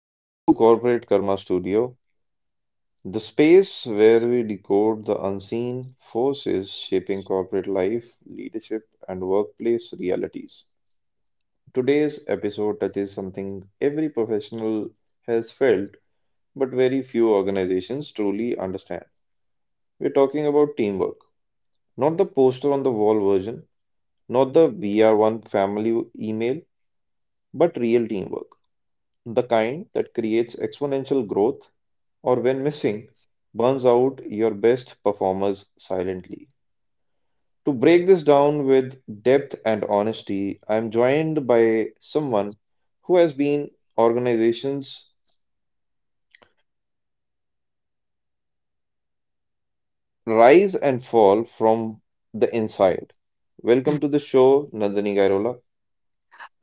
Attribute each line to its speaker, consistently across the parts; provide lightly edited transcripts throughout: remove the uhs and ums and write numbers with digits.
Speaker 1: Welcome to Corporate Karma Studio, the space where we decode the unseen forces shaping corporate life, leadership, and workplace realities. Today's episode touches something every professional has felt, but very few organizations truly understand. We're talking about teamwork, not the poster on the wall version, not the we are one family email, but real teamwork, the kind that creates exponential growth or when missing, burns out your best performers silently. To break this down with depth and honesty, I am joined by someone who has been organizations rise and fall from the inside. Welcome to the show, Nandini Gairola.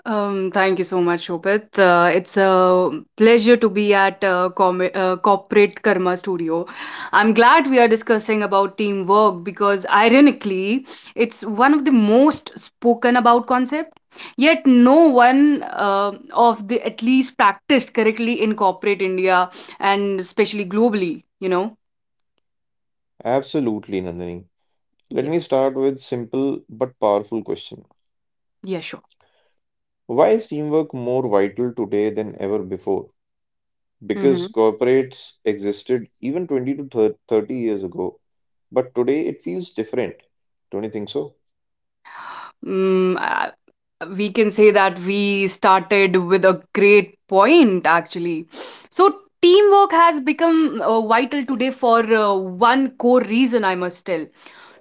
Speaker 2: Thank you so much, Shobit. It's a pleasure to be at com Corporate Karma Studio. I'm glad we are discussing about teamwork because, ironically, it's one of the most spoken about concept. Yet, no one of the at least practiced correctly in corporate India and especially globally. You know?
Speaker 1: Absolutely, Nandini. Let
Speaker 2: Yeah.
Speaker 1: me start with simple but powerful question.
Speaker 2: Yeah. Sure.
Speaker 1: Why is teamwork more vital today than ever before? Because
Speaker 2: Hmm.
Speaker 1: corporates existed even 20 to 30 years ago, but today it feels different. Don't you think so?
Speaker 2: Mm, we can say that we started with a great point actually. So teamwork has become vital today for one core reason, I must tell.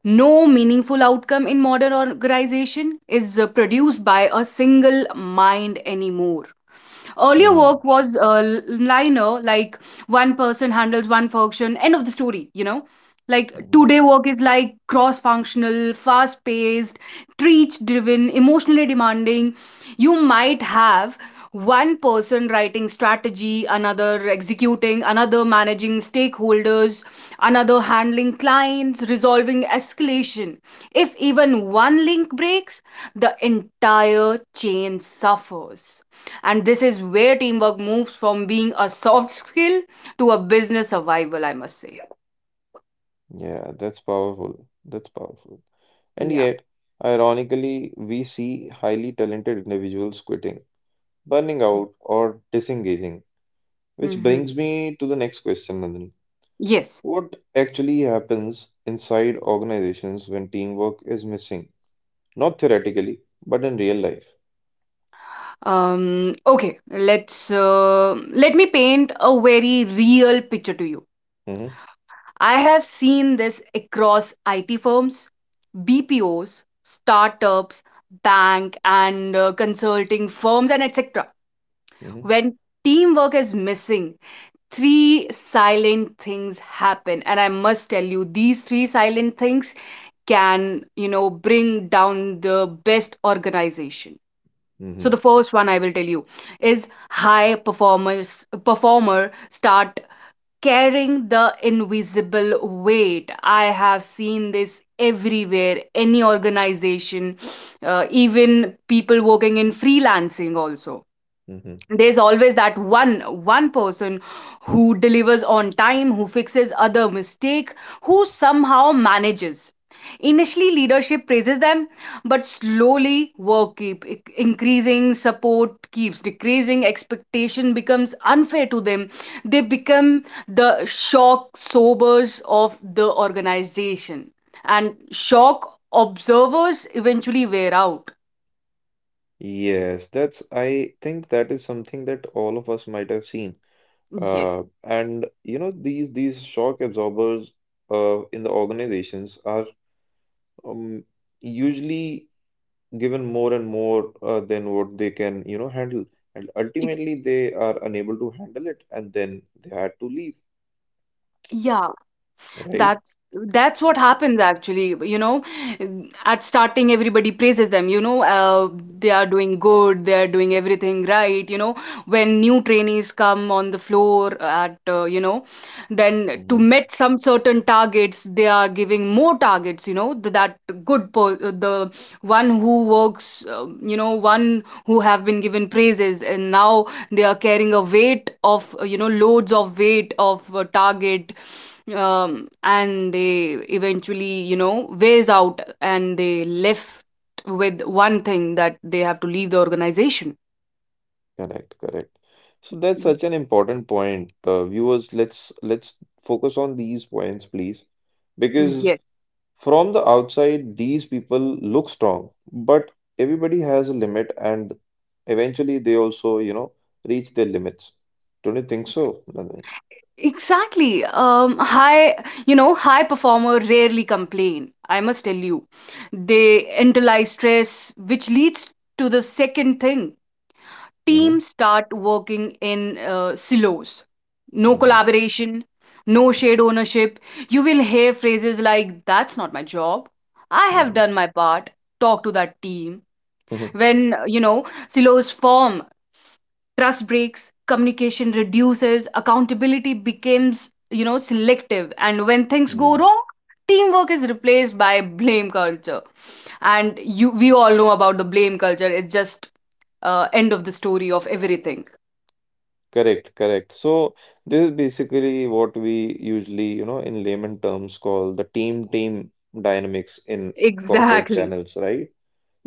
Speaker 2: No meaningful outcome in modern organization is produced by a single mind anymore. Earlier
Speaker 1: Mm,
Speaker 2: work was liner, like one person handles one function, end of the story, you know? Like
Speaker 1: mhm.
Speaker 2: today work is like cross functional, fast paced, treat driven, emotionally demanding. You might have one person writing strategy, another executing, another managing stakeholders, another handling clients, resolving escalation. If even one link breaks, the entire chain suffers. And this is where teamwork moves from being a soft skill to a business survival, I must say.
Speaker 1: Yeah, that's powerful. That's powerful. And
Speaker 2: Yeah.
Speaker 1: yet, ironically, we see highly talented individuals quitting, burning out, or disengaging, which
Speaker 2: Mm-hmm.
Speaker 1: brings me to the next question, Nandini.
Speaker 2: Yes.
Speaker 1: What actually happens inside organizations when teamwork is missing? Not theoretically, but in real life.
Speaker 2: Okay. Let me paint a very real picture to you.
Speaker 1: Hmm.
Speaker 2: I have seen this across IT firms, BPOs, startups, bank and consulting firms, and etc.
Speaker 1: Hmm.
Speaker 2: When teamwork is missing, 3 silent things happen, and I must tell you these 3 silent things can, you know, bring down the best organization. So the
Speaker 1: Hmm.
Speaker 2: first one I will tell you is high performer start carrying the invisible weight. I have seen this everywhere, any organization, even people working in freelancing also.
Speaker 1: Hmm.
Speaker 2: There's always that one person who delivers on time, who fixes other mistake, who somehow manages. Initially, leadership praises them, but slowly work keep increasing, support keeps decreasing, expectation becomes unfair to them. They become the shock sobers of the organization, and shock observers eventually wear out.
Speaker 1: Yes, I think that is something that all of us might have seen.
Speaker 2: Yes.
Speaker 1: And you know, these shock absorbers in the organizations are um, usually given more and more than what they can, you know, handle. And
Speaker 2: Ex-
Speaker 1: ultimately, they are unable to handle it, and then they had to leave,
Speaker 2: yeah.
Speaker 1: right?
Speaker 2: That's that's what happens actually. You know, at starting everybody praises them. You know, they are doing good. They are doing everything right. You know, when new trainees come on the floor at you know, then to
Speaker 1: Mhm.
Speaker 2: meet some certain targets, they are giving more targets. You know, that good the one who works. You know, one who have been given praises, and now they are carrying a weight of loads of weight of target. And they eventually, you know, weighs out and they left with one thing that they have to leave the organization.
Speaker 1: Correct, correct. So that's
Speaker 2: Mhm.
Speaker 1: such an important point. Viewers, let's focus on these points, please, because
Speaker 2: Yes,
Speaker 1: from the outside, these people look strong, but everybody has a limit, and eventually they also, you know, reach their limits. Don't you think so, Nandini?
Speaker 2: exactly. High performer rarely complain. I must tell you, they internalize stress, which leads to the second thing.
Speaker 1: Mm-hmm.
Speaker 2: Teams start working in silos. No
Speaker 1: Mm-hmm.
Speaker 2: collaboration, no shared ownership. You will hear phrases like, "That's not my job. I have
Speaker 1: Mm-hmm.
Speaker 2: done my part. Talk to that team." When, you know, silos form, trust breaks, communication reduces, accountability becomes, you know, selective. And when things go
Speaker 1: mm-hmm.
Speaker 2: wrong, teamwork is replaced by blame culture. And we all know about the blame culture. It's just end of the story of everything.
Speaker 1: Correct, correct. So this is basically what we usually, you know, in layman terms call the team dynamics in corporate
Speaker 2: Exactly.
Speaker 1: channels, right?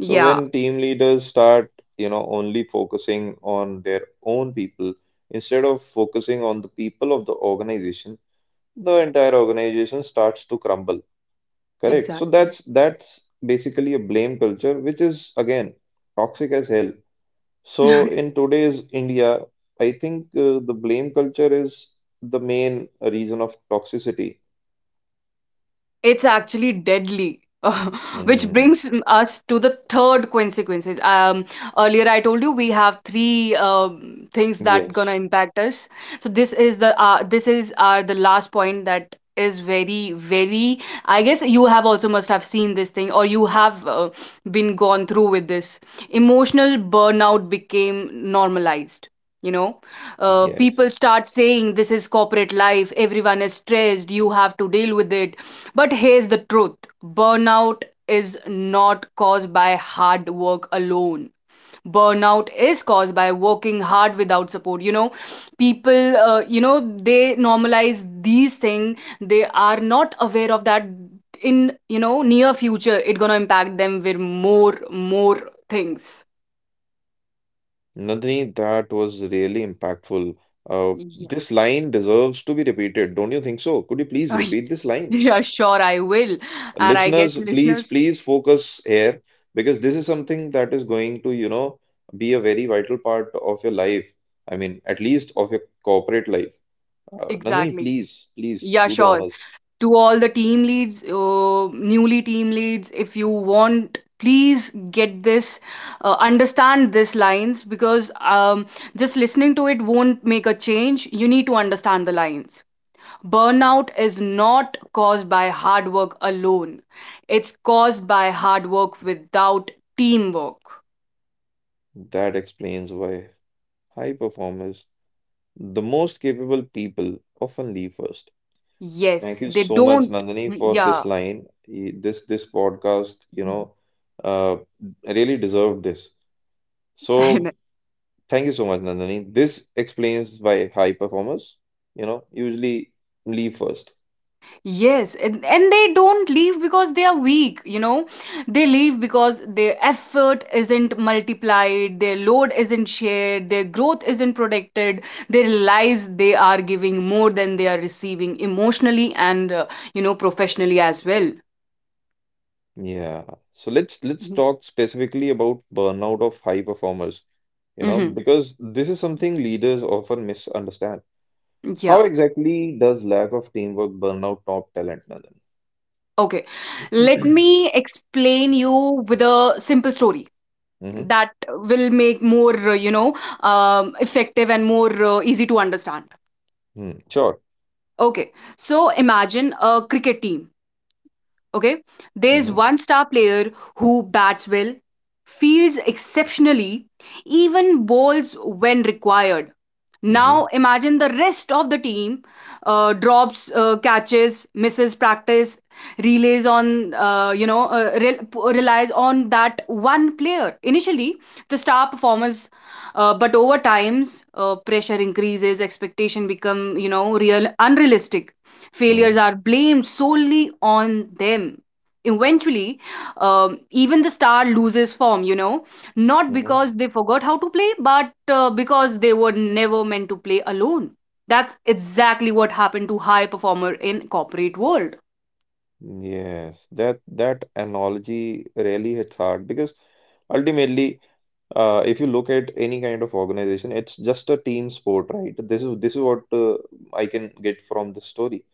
Speaker 1: So when team leaders start, you know, only focusing on their own people instead of focusing on the people of the organization, the entire organization starts to crumble. Correct. So
Speaker 2: exactly.
Speaker 1: that's basically a blame culture, which is again toxic as hell. So in today's India, I think the blame culture is the main reason of toxicity.
Speaker 2: It's actually deadly. Which
Speaker 1: Mm.
Speaker 2: brings us to the third consequences. Earlier I told you we have three things that
Speaker 1: Yes.
Speaker 2: gonna impact us. So this is our the last point that is very very. I guess you have also must have seen this thing or you have been gone through with this. Emotional burnout became normalized. You know, people
Speaker 1: Yes.
Speaker 2: start saying, "This is corporate life. Everyone is stressed. You have to deal with it." But here's the truth: burnout is not caused by hard work alone. Burnout is caused by working hard without support. You know, people, you know, they normalize these things. They are not aware of that in, you know, near future, it's going to impact them with more things.
Speaker 1: Nandini, that was really impactful.
Speaker 2: Yeah.
Speaker 1: This line deserves to be repeated, don't you think so? Could you please repeat this line?
Speaker 2: Yeah, sure, I will. And I
Speaker 1: Listeners,
Speaker 2: guess
Speaker 1: please,
Speaker 2: listeners,
Speaker 1: please focus here because this is something that is going to, you know, be a very vital part of your life. I mean, at least of your corporate life. Nandini,
Speaker 2: exactly.
Speaker 1: please, please
Speaker 2: Yeah,
Speaker 1: do the
Speaker 2: sure.
Speaker 1: honors.
Speaker 2: To all the team leads, newly team leads, if you want, please get this, understand these lines because just listening to it won't make a change. You need to understand the lines. Burnout is not caused by hard work alone, it's caused by hard work without teamwork.
Speaker 1: That explains why high performers, the most capable people, often leave first. Thank
Speaker 2: Yes,
Speaker 1: you
Speaker 2: they
Speaker 1: so much,
Speaker 2: don't.
Speaker 1: Nandini, for this
Speaker 2: Yeah.
Speaker 1: line. This podcast, you know, uh, really deserved this.
Speaker 2: I know.
Speaker 1: So thank you so much, Nandini. This explains why high performers, you know, usually leave first.
Speaker 2: Yes, and they don't leave because they are weak, you know. They leave because their effort isn't multiplied, their load isn't shared, their growth isn't protected. They realize they are giving more than they are receiving emotionally and, you know, professionally as well.
Speaker 1: Yeah. So let's
Speaker 2: Mm.
Speaker 1: talk specifically about burnout of high performers, you know,
Speaker 2: Mm-hmm.
Speaker 1: because this is something leaders often misunderstand.
Speaker 2: Yeah.
Speaker 1: How exactly does lack of teamwork burn out top talent, Nandan?
Speaker 2: Okay. Let me explain you with a simple story
Speaker 1: Mm-hmm.
Speaker 2: that will make more, effective and more easy to understand.
Speaker 1: Mm, sure.
Speaker 2: Okay. So imagine a cricket team. Okay. There's
Speaker 1: Hmm.
Speaker 2: one star player who bats well, fields exceptionally, even bowls when required.
Speaker 1: Hmm.
Speaker 2: Now imagine the rest of the team drops catches, misses practice, relays on you know rel- relies on that one player. Initially, the star performers but over times pressure increases, expectation become, you know, real unrealistic. Failures
Speaker 1: Hmm.
Speaker 2: are blamed solely on them. Eventually, even the star loses form, you know, not
Speaker 1: Hmm.
Speaker 2: because they forgot how to play, but because they were never meant to play alone. That's exactly what happened to high performer in corporate world.
Speaker 1: Yes, that analogy really hits hard because ultimately if you look at any kind of organization, it's just a team sport, right? This is what I can get from this story.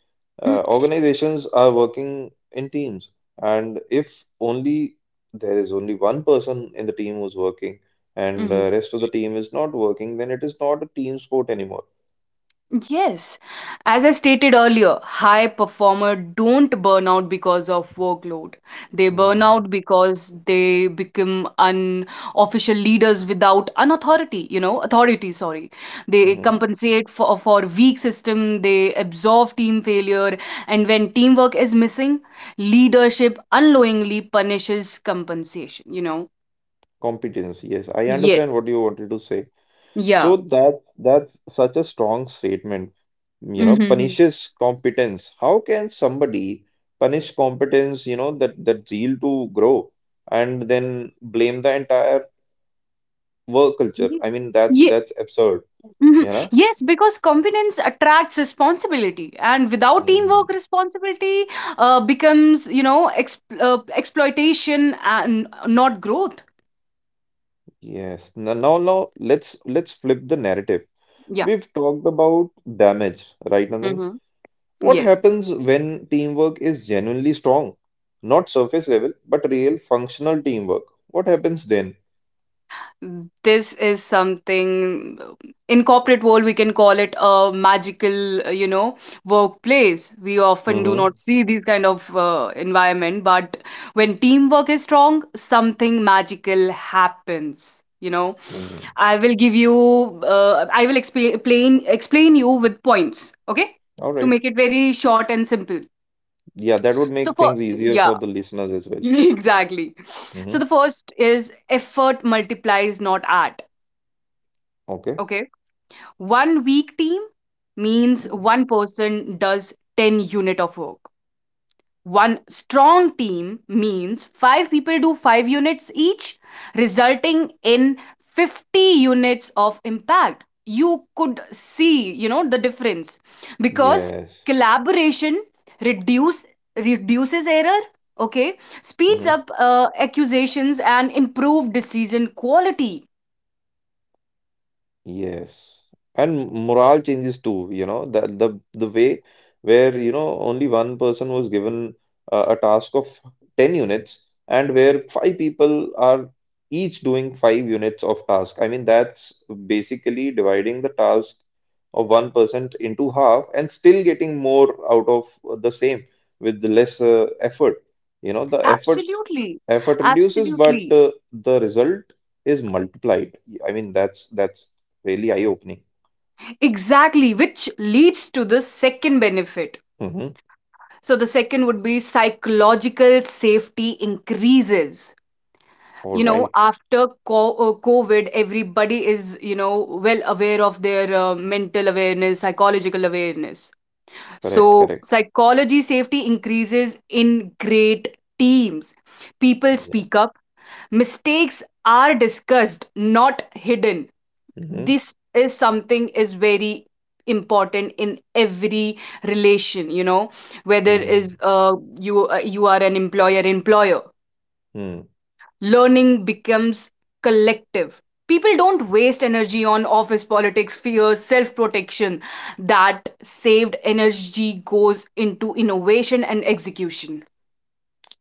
Speaker 2: Mm.
Speaker 1: Organizations are working in teams, and if only there is only one person in the team who's working, and
Speaker 2: Mhm.
Speaker 1: rest of the team is not working, then it is not a team sport anymore.
Speaker 2: Yes. As I stated earlier, high performer don't burn out because of workload. They burn
Speaker 1: Mm-hmm.
Speaker 2: out because they become unofficial leaders without an authority, you know, authority, sorry. They
Speaker 1: Mm-hmm.
Speaker 2: compensate for weak system, they absorb team failure, and when teamwork is missing, leadership unknowingly punishes compensation, you know.
Speaker 1: Competence. Yes, I understand
Speaker 2: Yes.
Speaker 1: what you wanted to say.
Speaker 2: Yeah.
Speaker 1: So that's such a strong statement. You know,
Speaker 2: Mm-hmm.
Speaker 1: punishes competence. How can somebody punish competence, you know, that zeal to grow and then blame the entire work culture? I mean, that's
Speaker 2: Yeah.
Speaker 1: that's absurd,
Speaker 2: Mhm.
Speaker 1: you know?
Speaker 2: Yes, because confidence attracts responsibility, and without teamwork,
Speaker 1: Mm,
Speaker 2: responsibility becomes, you know, exploitation and not growth.
Speaker 1: yes. Now let's flip the narrative.
Speaker 2: Yeah.
Speaker 1: We've talked about damage, right, Nandini?
Speaker 2: Hmm.
Speaker 1: What
Speaker 2: Yes.
Speaker 1: happens when teamwork is genuinely strong? Not surface level, but real functional teamwork. What happens then?
Speaker 2: This is something in corporate world we can call it a magical workplace. We often do
Speaker 1: Mm-hmm.
Speaker 2: not see these kind of environment, but when teamwork is strong, something magical happens, you know.
Speaker 1: Mm-hmm.
Speaker 2: i will give you I will explain you with points, okay,
Speaker 1: All
Speaker 2: to
Speaker 1: right.
Speaker 2: make it very short and simple.
Speaker 1: Yeah, that would
Speaker 2: So
Speaker 1: make
Speaker 2: for,
Speaker 1: things easier
Speaker 2: yeah.
Speaker 1: for the listeners as well.
Speaker 2: Exactly.
Speaker 1: Mm-hmm.
Speaker 2: So the first is, effort multiplies, not art,
Speaker 1: Okay.
Speaker 2: okay? One weak team means
Speaker 1: Mm-hmm.
Speaker 2: one person does 10 unit of work. One strong team means 5 people do 5 units each, resulting in 50 units of impact. You could see, you know, the difference because
Speaker 1: Yes.
Speaker 2: collaboration reduce reduces error, okay? Speeds
Speaker 1: Mm-hmm.
Speaker 2: up accusations and improve decision quality.
Speaker 1: Yes, and morale changes too. You know the way where you know only one person was given a task of 10 units, and where 5 people are each doing 5 units of task. I mean that's basically dividing the task of one person into half and still getting more out of the same with the less effort. You know the effort
Speaker 2: Absolutely.
Speaker 1: effort reduces but
Speaker 2: Absolutely.
Speaker 1: the result is multiplied. I mean that's really eye opening.
Speaker 2: Exactly, which leads to the second benefit.
Speaker 1: Mm-hmm.
Speaker 2: So, the second would be psychological safety increases.
Speaker 1: All
Speaker 2: You know,
Speaker 1: right.
Speaker 2: after COVID, everybody is, you know, well aware of their mental awareness, psychological awareness.
Speaker 1: Correct,
Speaker 2: So,
Speaker 1: correct.
Speaker 2: psychology safety increases in great teams. People
Speaker 1: Yeah.
Speaker 2: speak up, mistakes are discussed, not hidden.
Speaker 1: Mm-hmm.
Speaker 2: This is something is very important in every relation, you know, whether
Speaker 1: Mm-hmm.
Speaker 2: is you are an employer.
Speaker 1: Hmm.
Speaker 2: Learning becomes collective. People don't waste energy on office politics, fears, self protection. That saved energy goes into innovation and execution.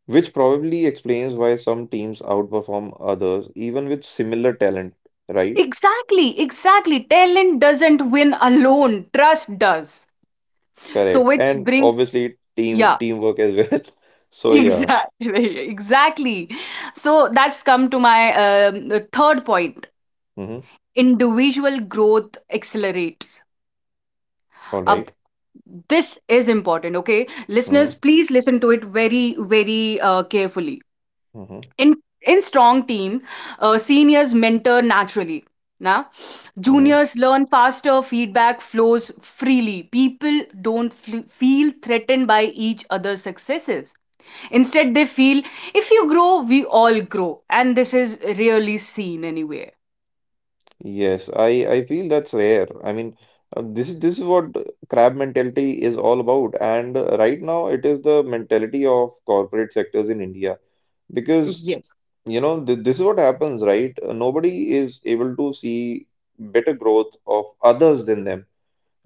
Speaker 1: Which probably explains why some teams outperform others, even with similar talent, right?
Speaker 2: Exactly, exactly. Talent doesn't win alone, trust does. So
Speaker 1: Correct.
Speaker 2: which
Speaker 1: And
Speaker 2: brings,
Speaker 1: obviously team
Speaker 2: yeah.
Speaker 1: teamwork as well. So yeah.
Speaker 2: Exactly, exactly. So that's come to my the third point.
Speaker 1: Mm-hmm.
Speaker 2: Individual growth accelerates.
Speaker 1: All
Speaker 2: Ab
Speaker 1: right.
Speaker 2: This is important, okay? Listeners,
Speaker 1: Mm-hmm.
Speaker 2: please listen to it very, very carefully.
Speaker 1: Mm-hmm.
Speaker 2: In in strong team, seniors mentor naturally. Now,
Speaker 1: Mm-hmm.
Speaker 2: juniors learn faster. Feedback flows freely. People don't feel threatened by each other's successes. Instead, they feel, if you grow, we all grow. And this is rarely seen anywhere.
Speaker 1: Yes, I feel that's rare. I mean, this is what crab mentality is all about. And right now, it is the mentality of corporate sectors in India because
Speaker 2: Yes.
Speaker 1: you know th this is what happens, right? Nobody is able to see better growth of others than them,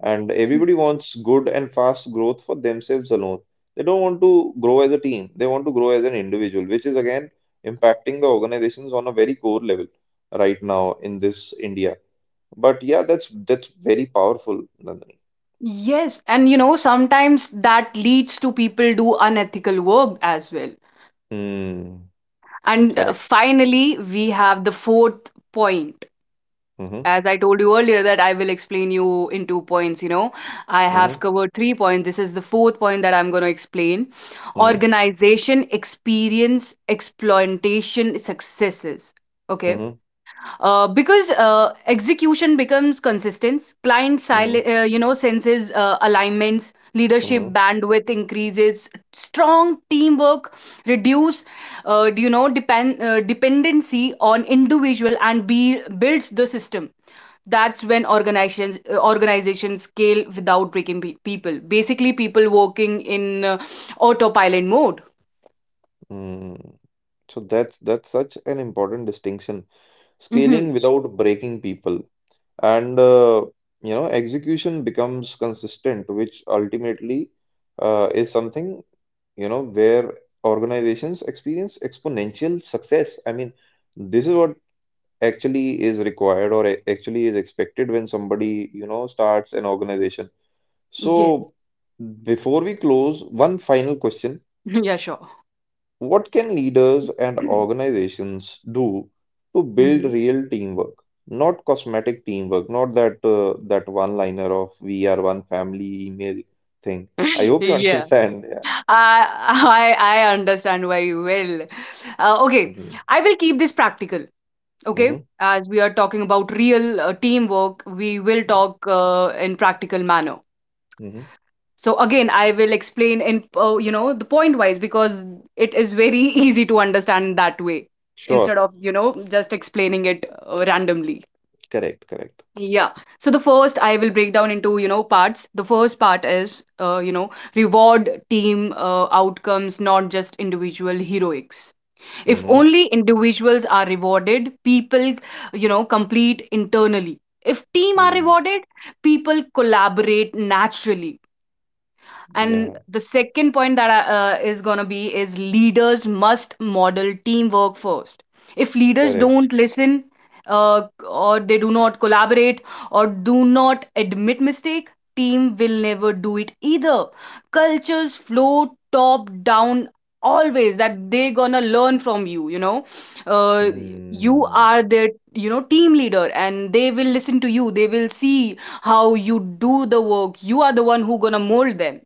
Speaker 1: and everybody wants good and fast growth for themselves alone. They don't want to grow as a team. They want to grow as an individual, which is again impacting the organizations on a very core level right now in this India. But yeah, that's very powerful, Nandini.
Speaker 2: Yes, and you know, sometimes that leads to people do unethical work as well.
Speaker 1: Hmm.
Speaker 2: And
Speaker 1: Correct.
Speaker 2: finally, we have the fourth point.
Speaker 1: Mm-hmm.
Speaker 2: As I told you earlier, that I will explain you in two points. You know, I have
Speaker 1: Mm-hmm.
Speaker 2: covered three points. This is the fourth point that I'm going to explain:
Speaker 1: Mm-hmm.
Speaker 2: organization, experience, exploitation, successes. Okay,
Speaker 1: Mm-hmm.
Speaker 2: because execution becomes consistence, client
Speaker 1: Mm-hmm.
Speaker 2: senses alignments, leadership
Speaker 1: Mm-hmm.
Speaker 2: bandwidth increases, strong teamwork reduce dependency on individual, and builds the system. That's when organizations scale without breaking people. Basically people working in autopilot mode.
Speaker 1: Mm. So that's such an important distinction.
Speaker 2: Hmm.
Speaker 1: Scaling without breaking people, and you know, execution becomes consistent, which ultimately is something you know where organizations experience exponential success. I mean, this is what actually is required or actually is expected when somebody, you know, starts an organization.
Speaker 2: Yes.
Speaker 1: So, before we close, one final question.
Speaker 2: Yeah, sure.
Speaker 1: What can leaders and organizations do to build
Speaker 2: Hmm.
Speaker 1: real teamwork? Not cosmetic teamwork, not that that one-liner of we are one family email thing. I hope you
Speaker 2: Yeah.
Speaker 1: understand. Yeah.
Speaker 2: I understand very well. Okay, I will keep this practical.
Speaker 1: Hmm.
Speaker 2: Okay, as we are talking about real teamwork, we will
Speaker 1: Hmm.
Speaker 2: talk in practical manner.
Speaker 1: Hmm.
Speaker 2: So again, I will explain in the point wise because it is very easy to understand that way
Speaker 1: Sure.
Speaker 2: instead of, you know, just explaining it randomly.
Speaker 1: Correct. Correct.
Speaker 2: Yeah. So the first I will break down into, you know, parts. The first part is, you know, reward team outcomes, not just individual heroics. If
Speaker 1: Hmm.
Speaker 2: only individuals are rewarded, people, you know, complete internally. If team are
Speaker 1: Mm.
Speaker 2: rewarded, people collaborate naturally. And
Speaker 1: Yeah.
Speaker 2: the second point that is going to be is leaders must model teamwork first. If leaders
Speaker 1: Correct.
Speaker 2: don't listen or they do not collaborate or do not admit mistake, team will never do it either. Cultures flow top down always, that they gonna learn from you, you know, uh, you
Speaker 1: Mm.
Speaker 2: are their, you know, team leader and they will listen to you, they will see how you do the work. You are the one who gonna mold them,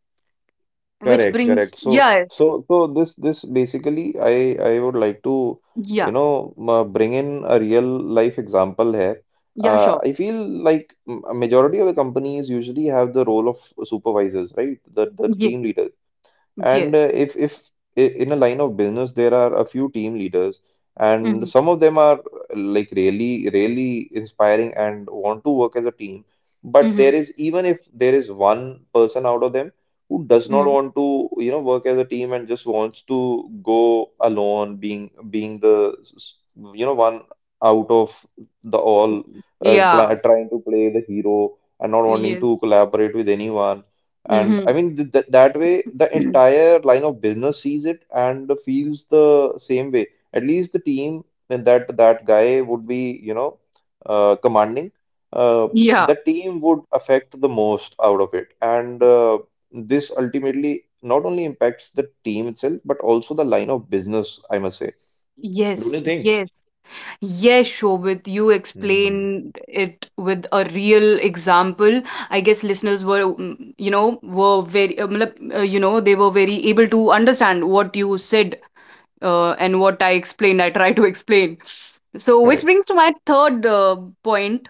Speaker 2: which
Speaker 1: Correct,
Speaker 2: brings,
Speaker 1: correct. So,
Speaker 2: yes.
Speaker 1: so, so this, this basically, I would like to,
Speaker 2: Yeah.
Speaker 1: you know, bring in a real life example here.
Speaker 2: Yeah, sure.
Speaker 1: I feel like a majority of the companies usually have the role of supervisors, right? The team
Speaker 2: Yes.
Speaker 1: leaders. And
Speaker 2: Yes.
Speaker 1: if I- in a line of business there are a few team leaders, and
Speaker 2: Mhm.
Speaker 1: some of them are like really inspiring and want to work as a team. But
Speaker 2: Mhm.
Speaker 1: there is even if there is one person out of them who does not
Speaker 2: Mhm.
Speaker 1: want to you know work as a team and just wants to go alone, being you know one out of the all,
Speaker 2: Mhm. Yeah.
Speaker 1: trying to play the hero and not wanting to
Speaker 2: Yes.
Speaker 1: collaborate with anyone. And I
Speaker 2: Mhm.
Speaker 1: mean, that way, the entire line of business sees it and feels the same way. At least the team and that guy would be, you know, commanding, uh,
Speaker 2: Yeah.
Speaker 1: the team would affect the most out of it. And this ultimately not only impacts the team itself, but also the line of business, I must say. Don't
Speaker 2: Yes.
Speaker 1: you think?
Speaker 2: Yes. Yes, sure. With you
Speaker 1: Mm,
Speaker 2: explained it with a real example. I guess listeners were, you know, were very, matlab, you know, they were very able to understand what you said and what I explained. I try to explain. So, which
Speaker 1: correct.
Speaker 2: brings to my third point: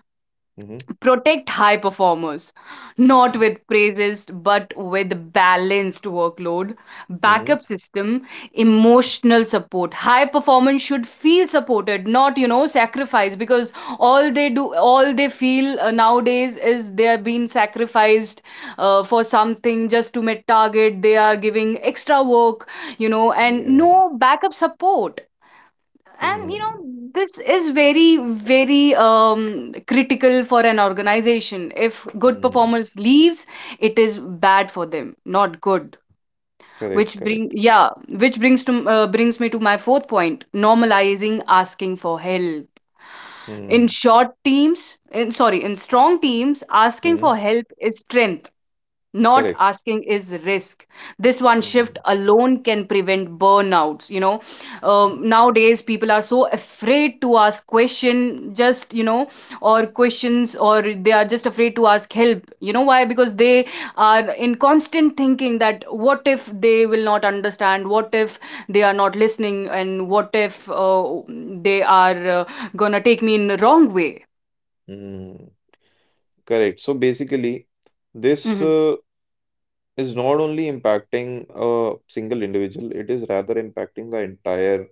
Speaker 1: Hmm.
Speaker 2: protect high performers, not with praises, but with balanced workload,
Speaker 1: Hmm.
Speaker 2: backup system, emotional support. High performance should feel supported, not, you know, sacrificed, because all they do, all they feel nowadays is they are being sacrificed for something just to meet target. They are giving extra work, you know, and
Speaker 1: Yeah.
Speaker 2: no backup support. And you know
Speaker 1: Mm.
Speaker 2: this is very very critical for an organization. If good
Speaker 1: Hmm.
Speaker 2: performers leaves, it is bad for them, not good.
Speaker 1: Correct,
Speaker 2: Which bring
Speaker 1: correct.
Speaker 2: Yeah. Which brings me to my fourth point: normalizing asking for help. in
Speaker 1: Mm.
Speaker 2: short teams in sorry in strong teams, asking
Speaker 1: Hmm.
Speaker 2: for help is strength, not
Speaker 1: Correct.
Speaker 2: asking is risk. This one shift
Speaker 1: Mm,
Speaker 2: alone can prevent burnouts, you know.
Speaker 1: mm,
Speaker 2: Nowadays people are so afraid to ask question, just you know, or questions, or they are just afraid to ask help. You know why? Because they are in constant thinking that what if they will not understand, what if they are not listening, and what if they are gonna take me in the wrong way.
Speaker 1: mm. Correct. So basically, this
Speaker 2: Mm-hmm.
Speaker 1: is not only impacting a single individual, it is rather impacting the entire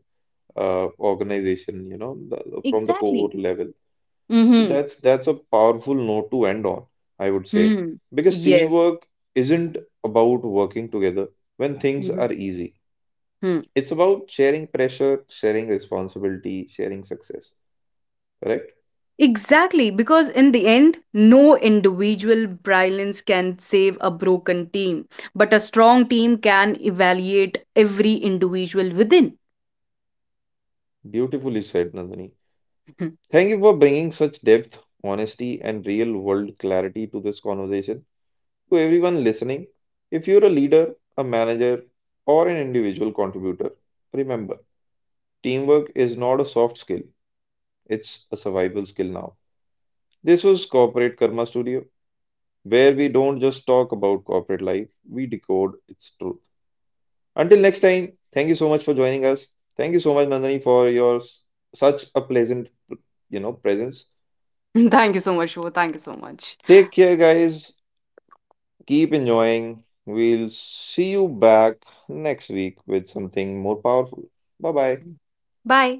Speaker 1: organization, you know, from the core
Speaker 2: Exactly.
Speaker 1: level. So
Speaker 2: Mm-hmm.
Speaker 1: that's a powerful note to end on, I would say,
Speaker 2: Hmm.
Speaker 1: because
Speaker 2: Yes.
Speaker 1: teamwork isn't about working together when things
Speaker 2: Mm-hmm.
Speaker 1: are easy.
Speaker 2: Hmm.
Speaker 1: It's about sharing pressure, sharing responsibility, sharing success. Correct?
Speaker 2: Exactly, because in the end, no individual brilliance can save a broken team, but a strong team can evaluate every individual within.
Speaker 1: Beautifully said, Nandini. Thank you for bringing such depth, honesty, and real world clarity to this conversation. To everyone listening, if you're a leader, a manager, or an individual contributor, remember teamwork is not a soft skill, it's a survival skill now. This was Corporate Karma Studio, where we don't just talk about corporate life, we decode its truth. Until next time, thank you so much for joining us. Thank you so much, Nandani, for your such a pleasant, you know, presence.
Speaker 2: Thank you so much, Shiva. Thank you so much.
Speaker 1: Take care, guys. Keep enjoying. We'll see you back next week with something more powerful. Bye bye.
Speaker 2: Bye.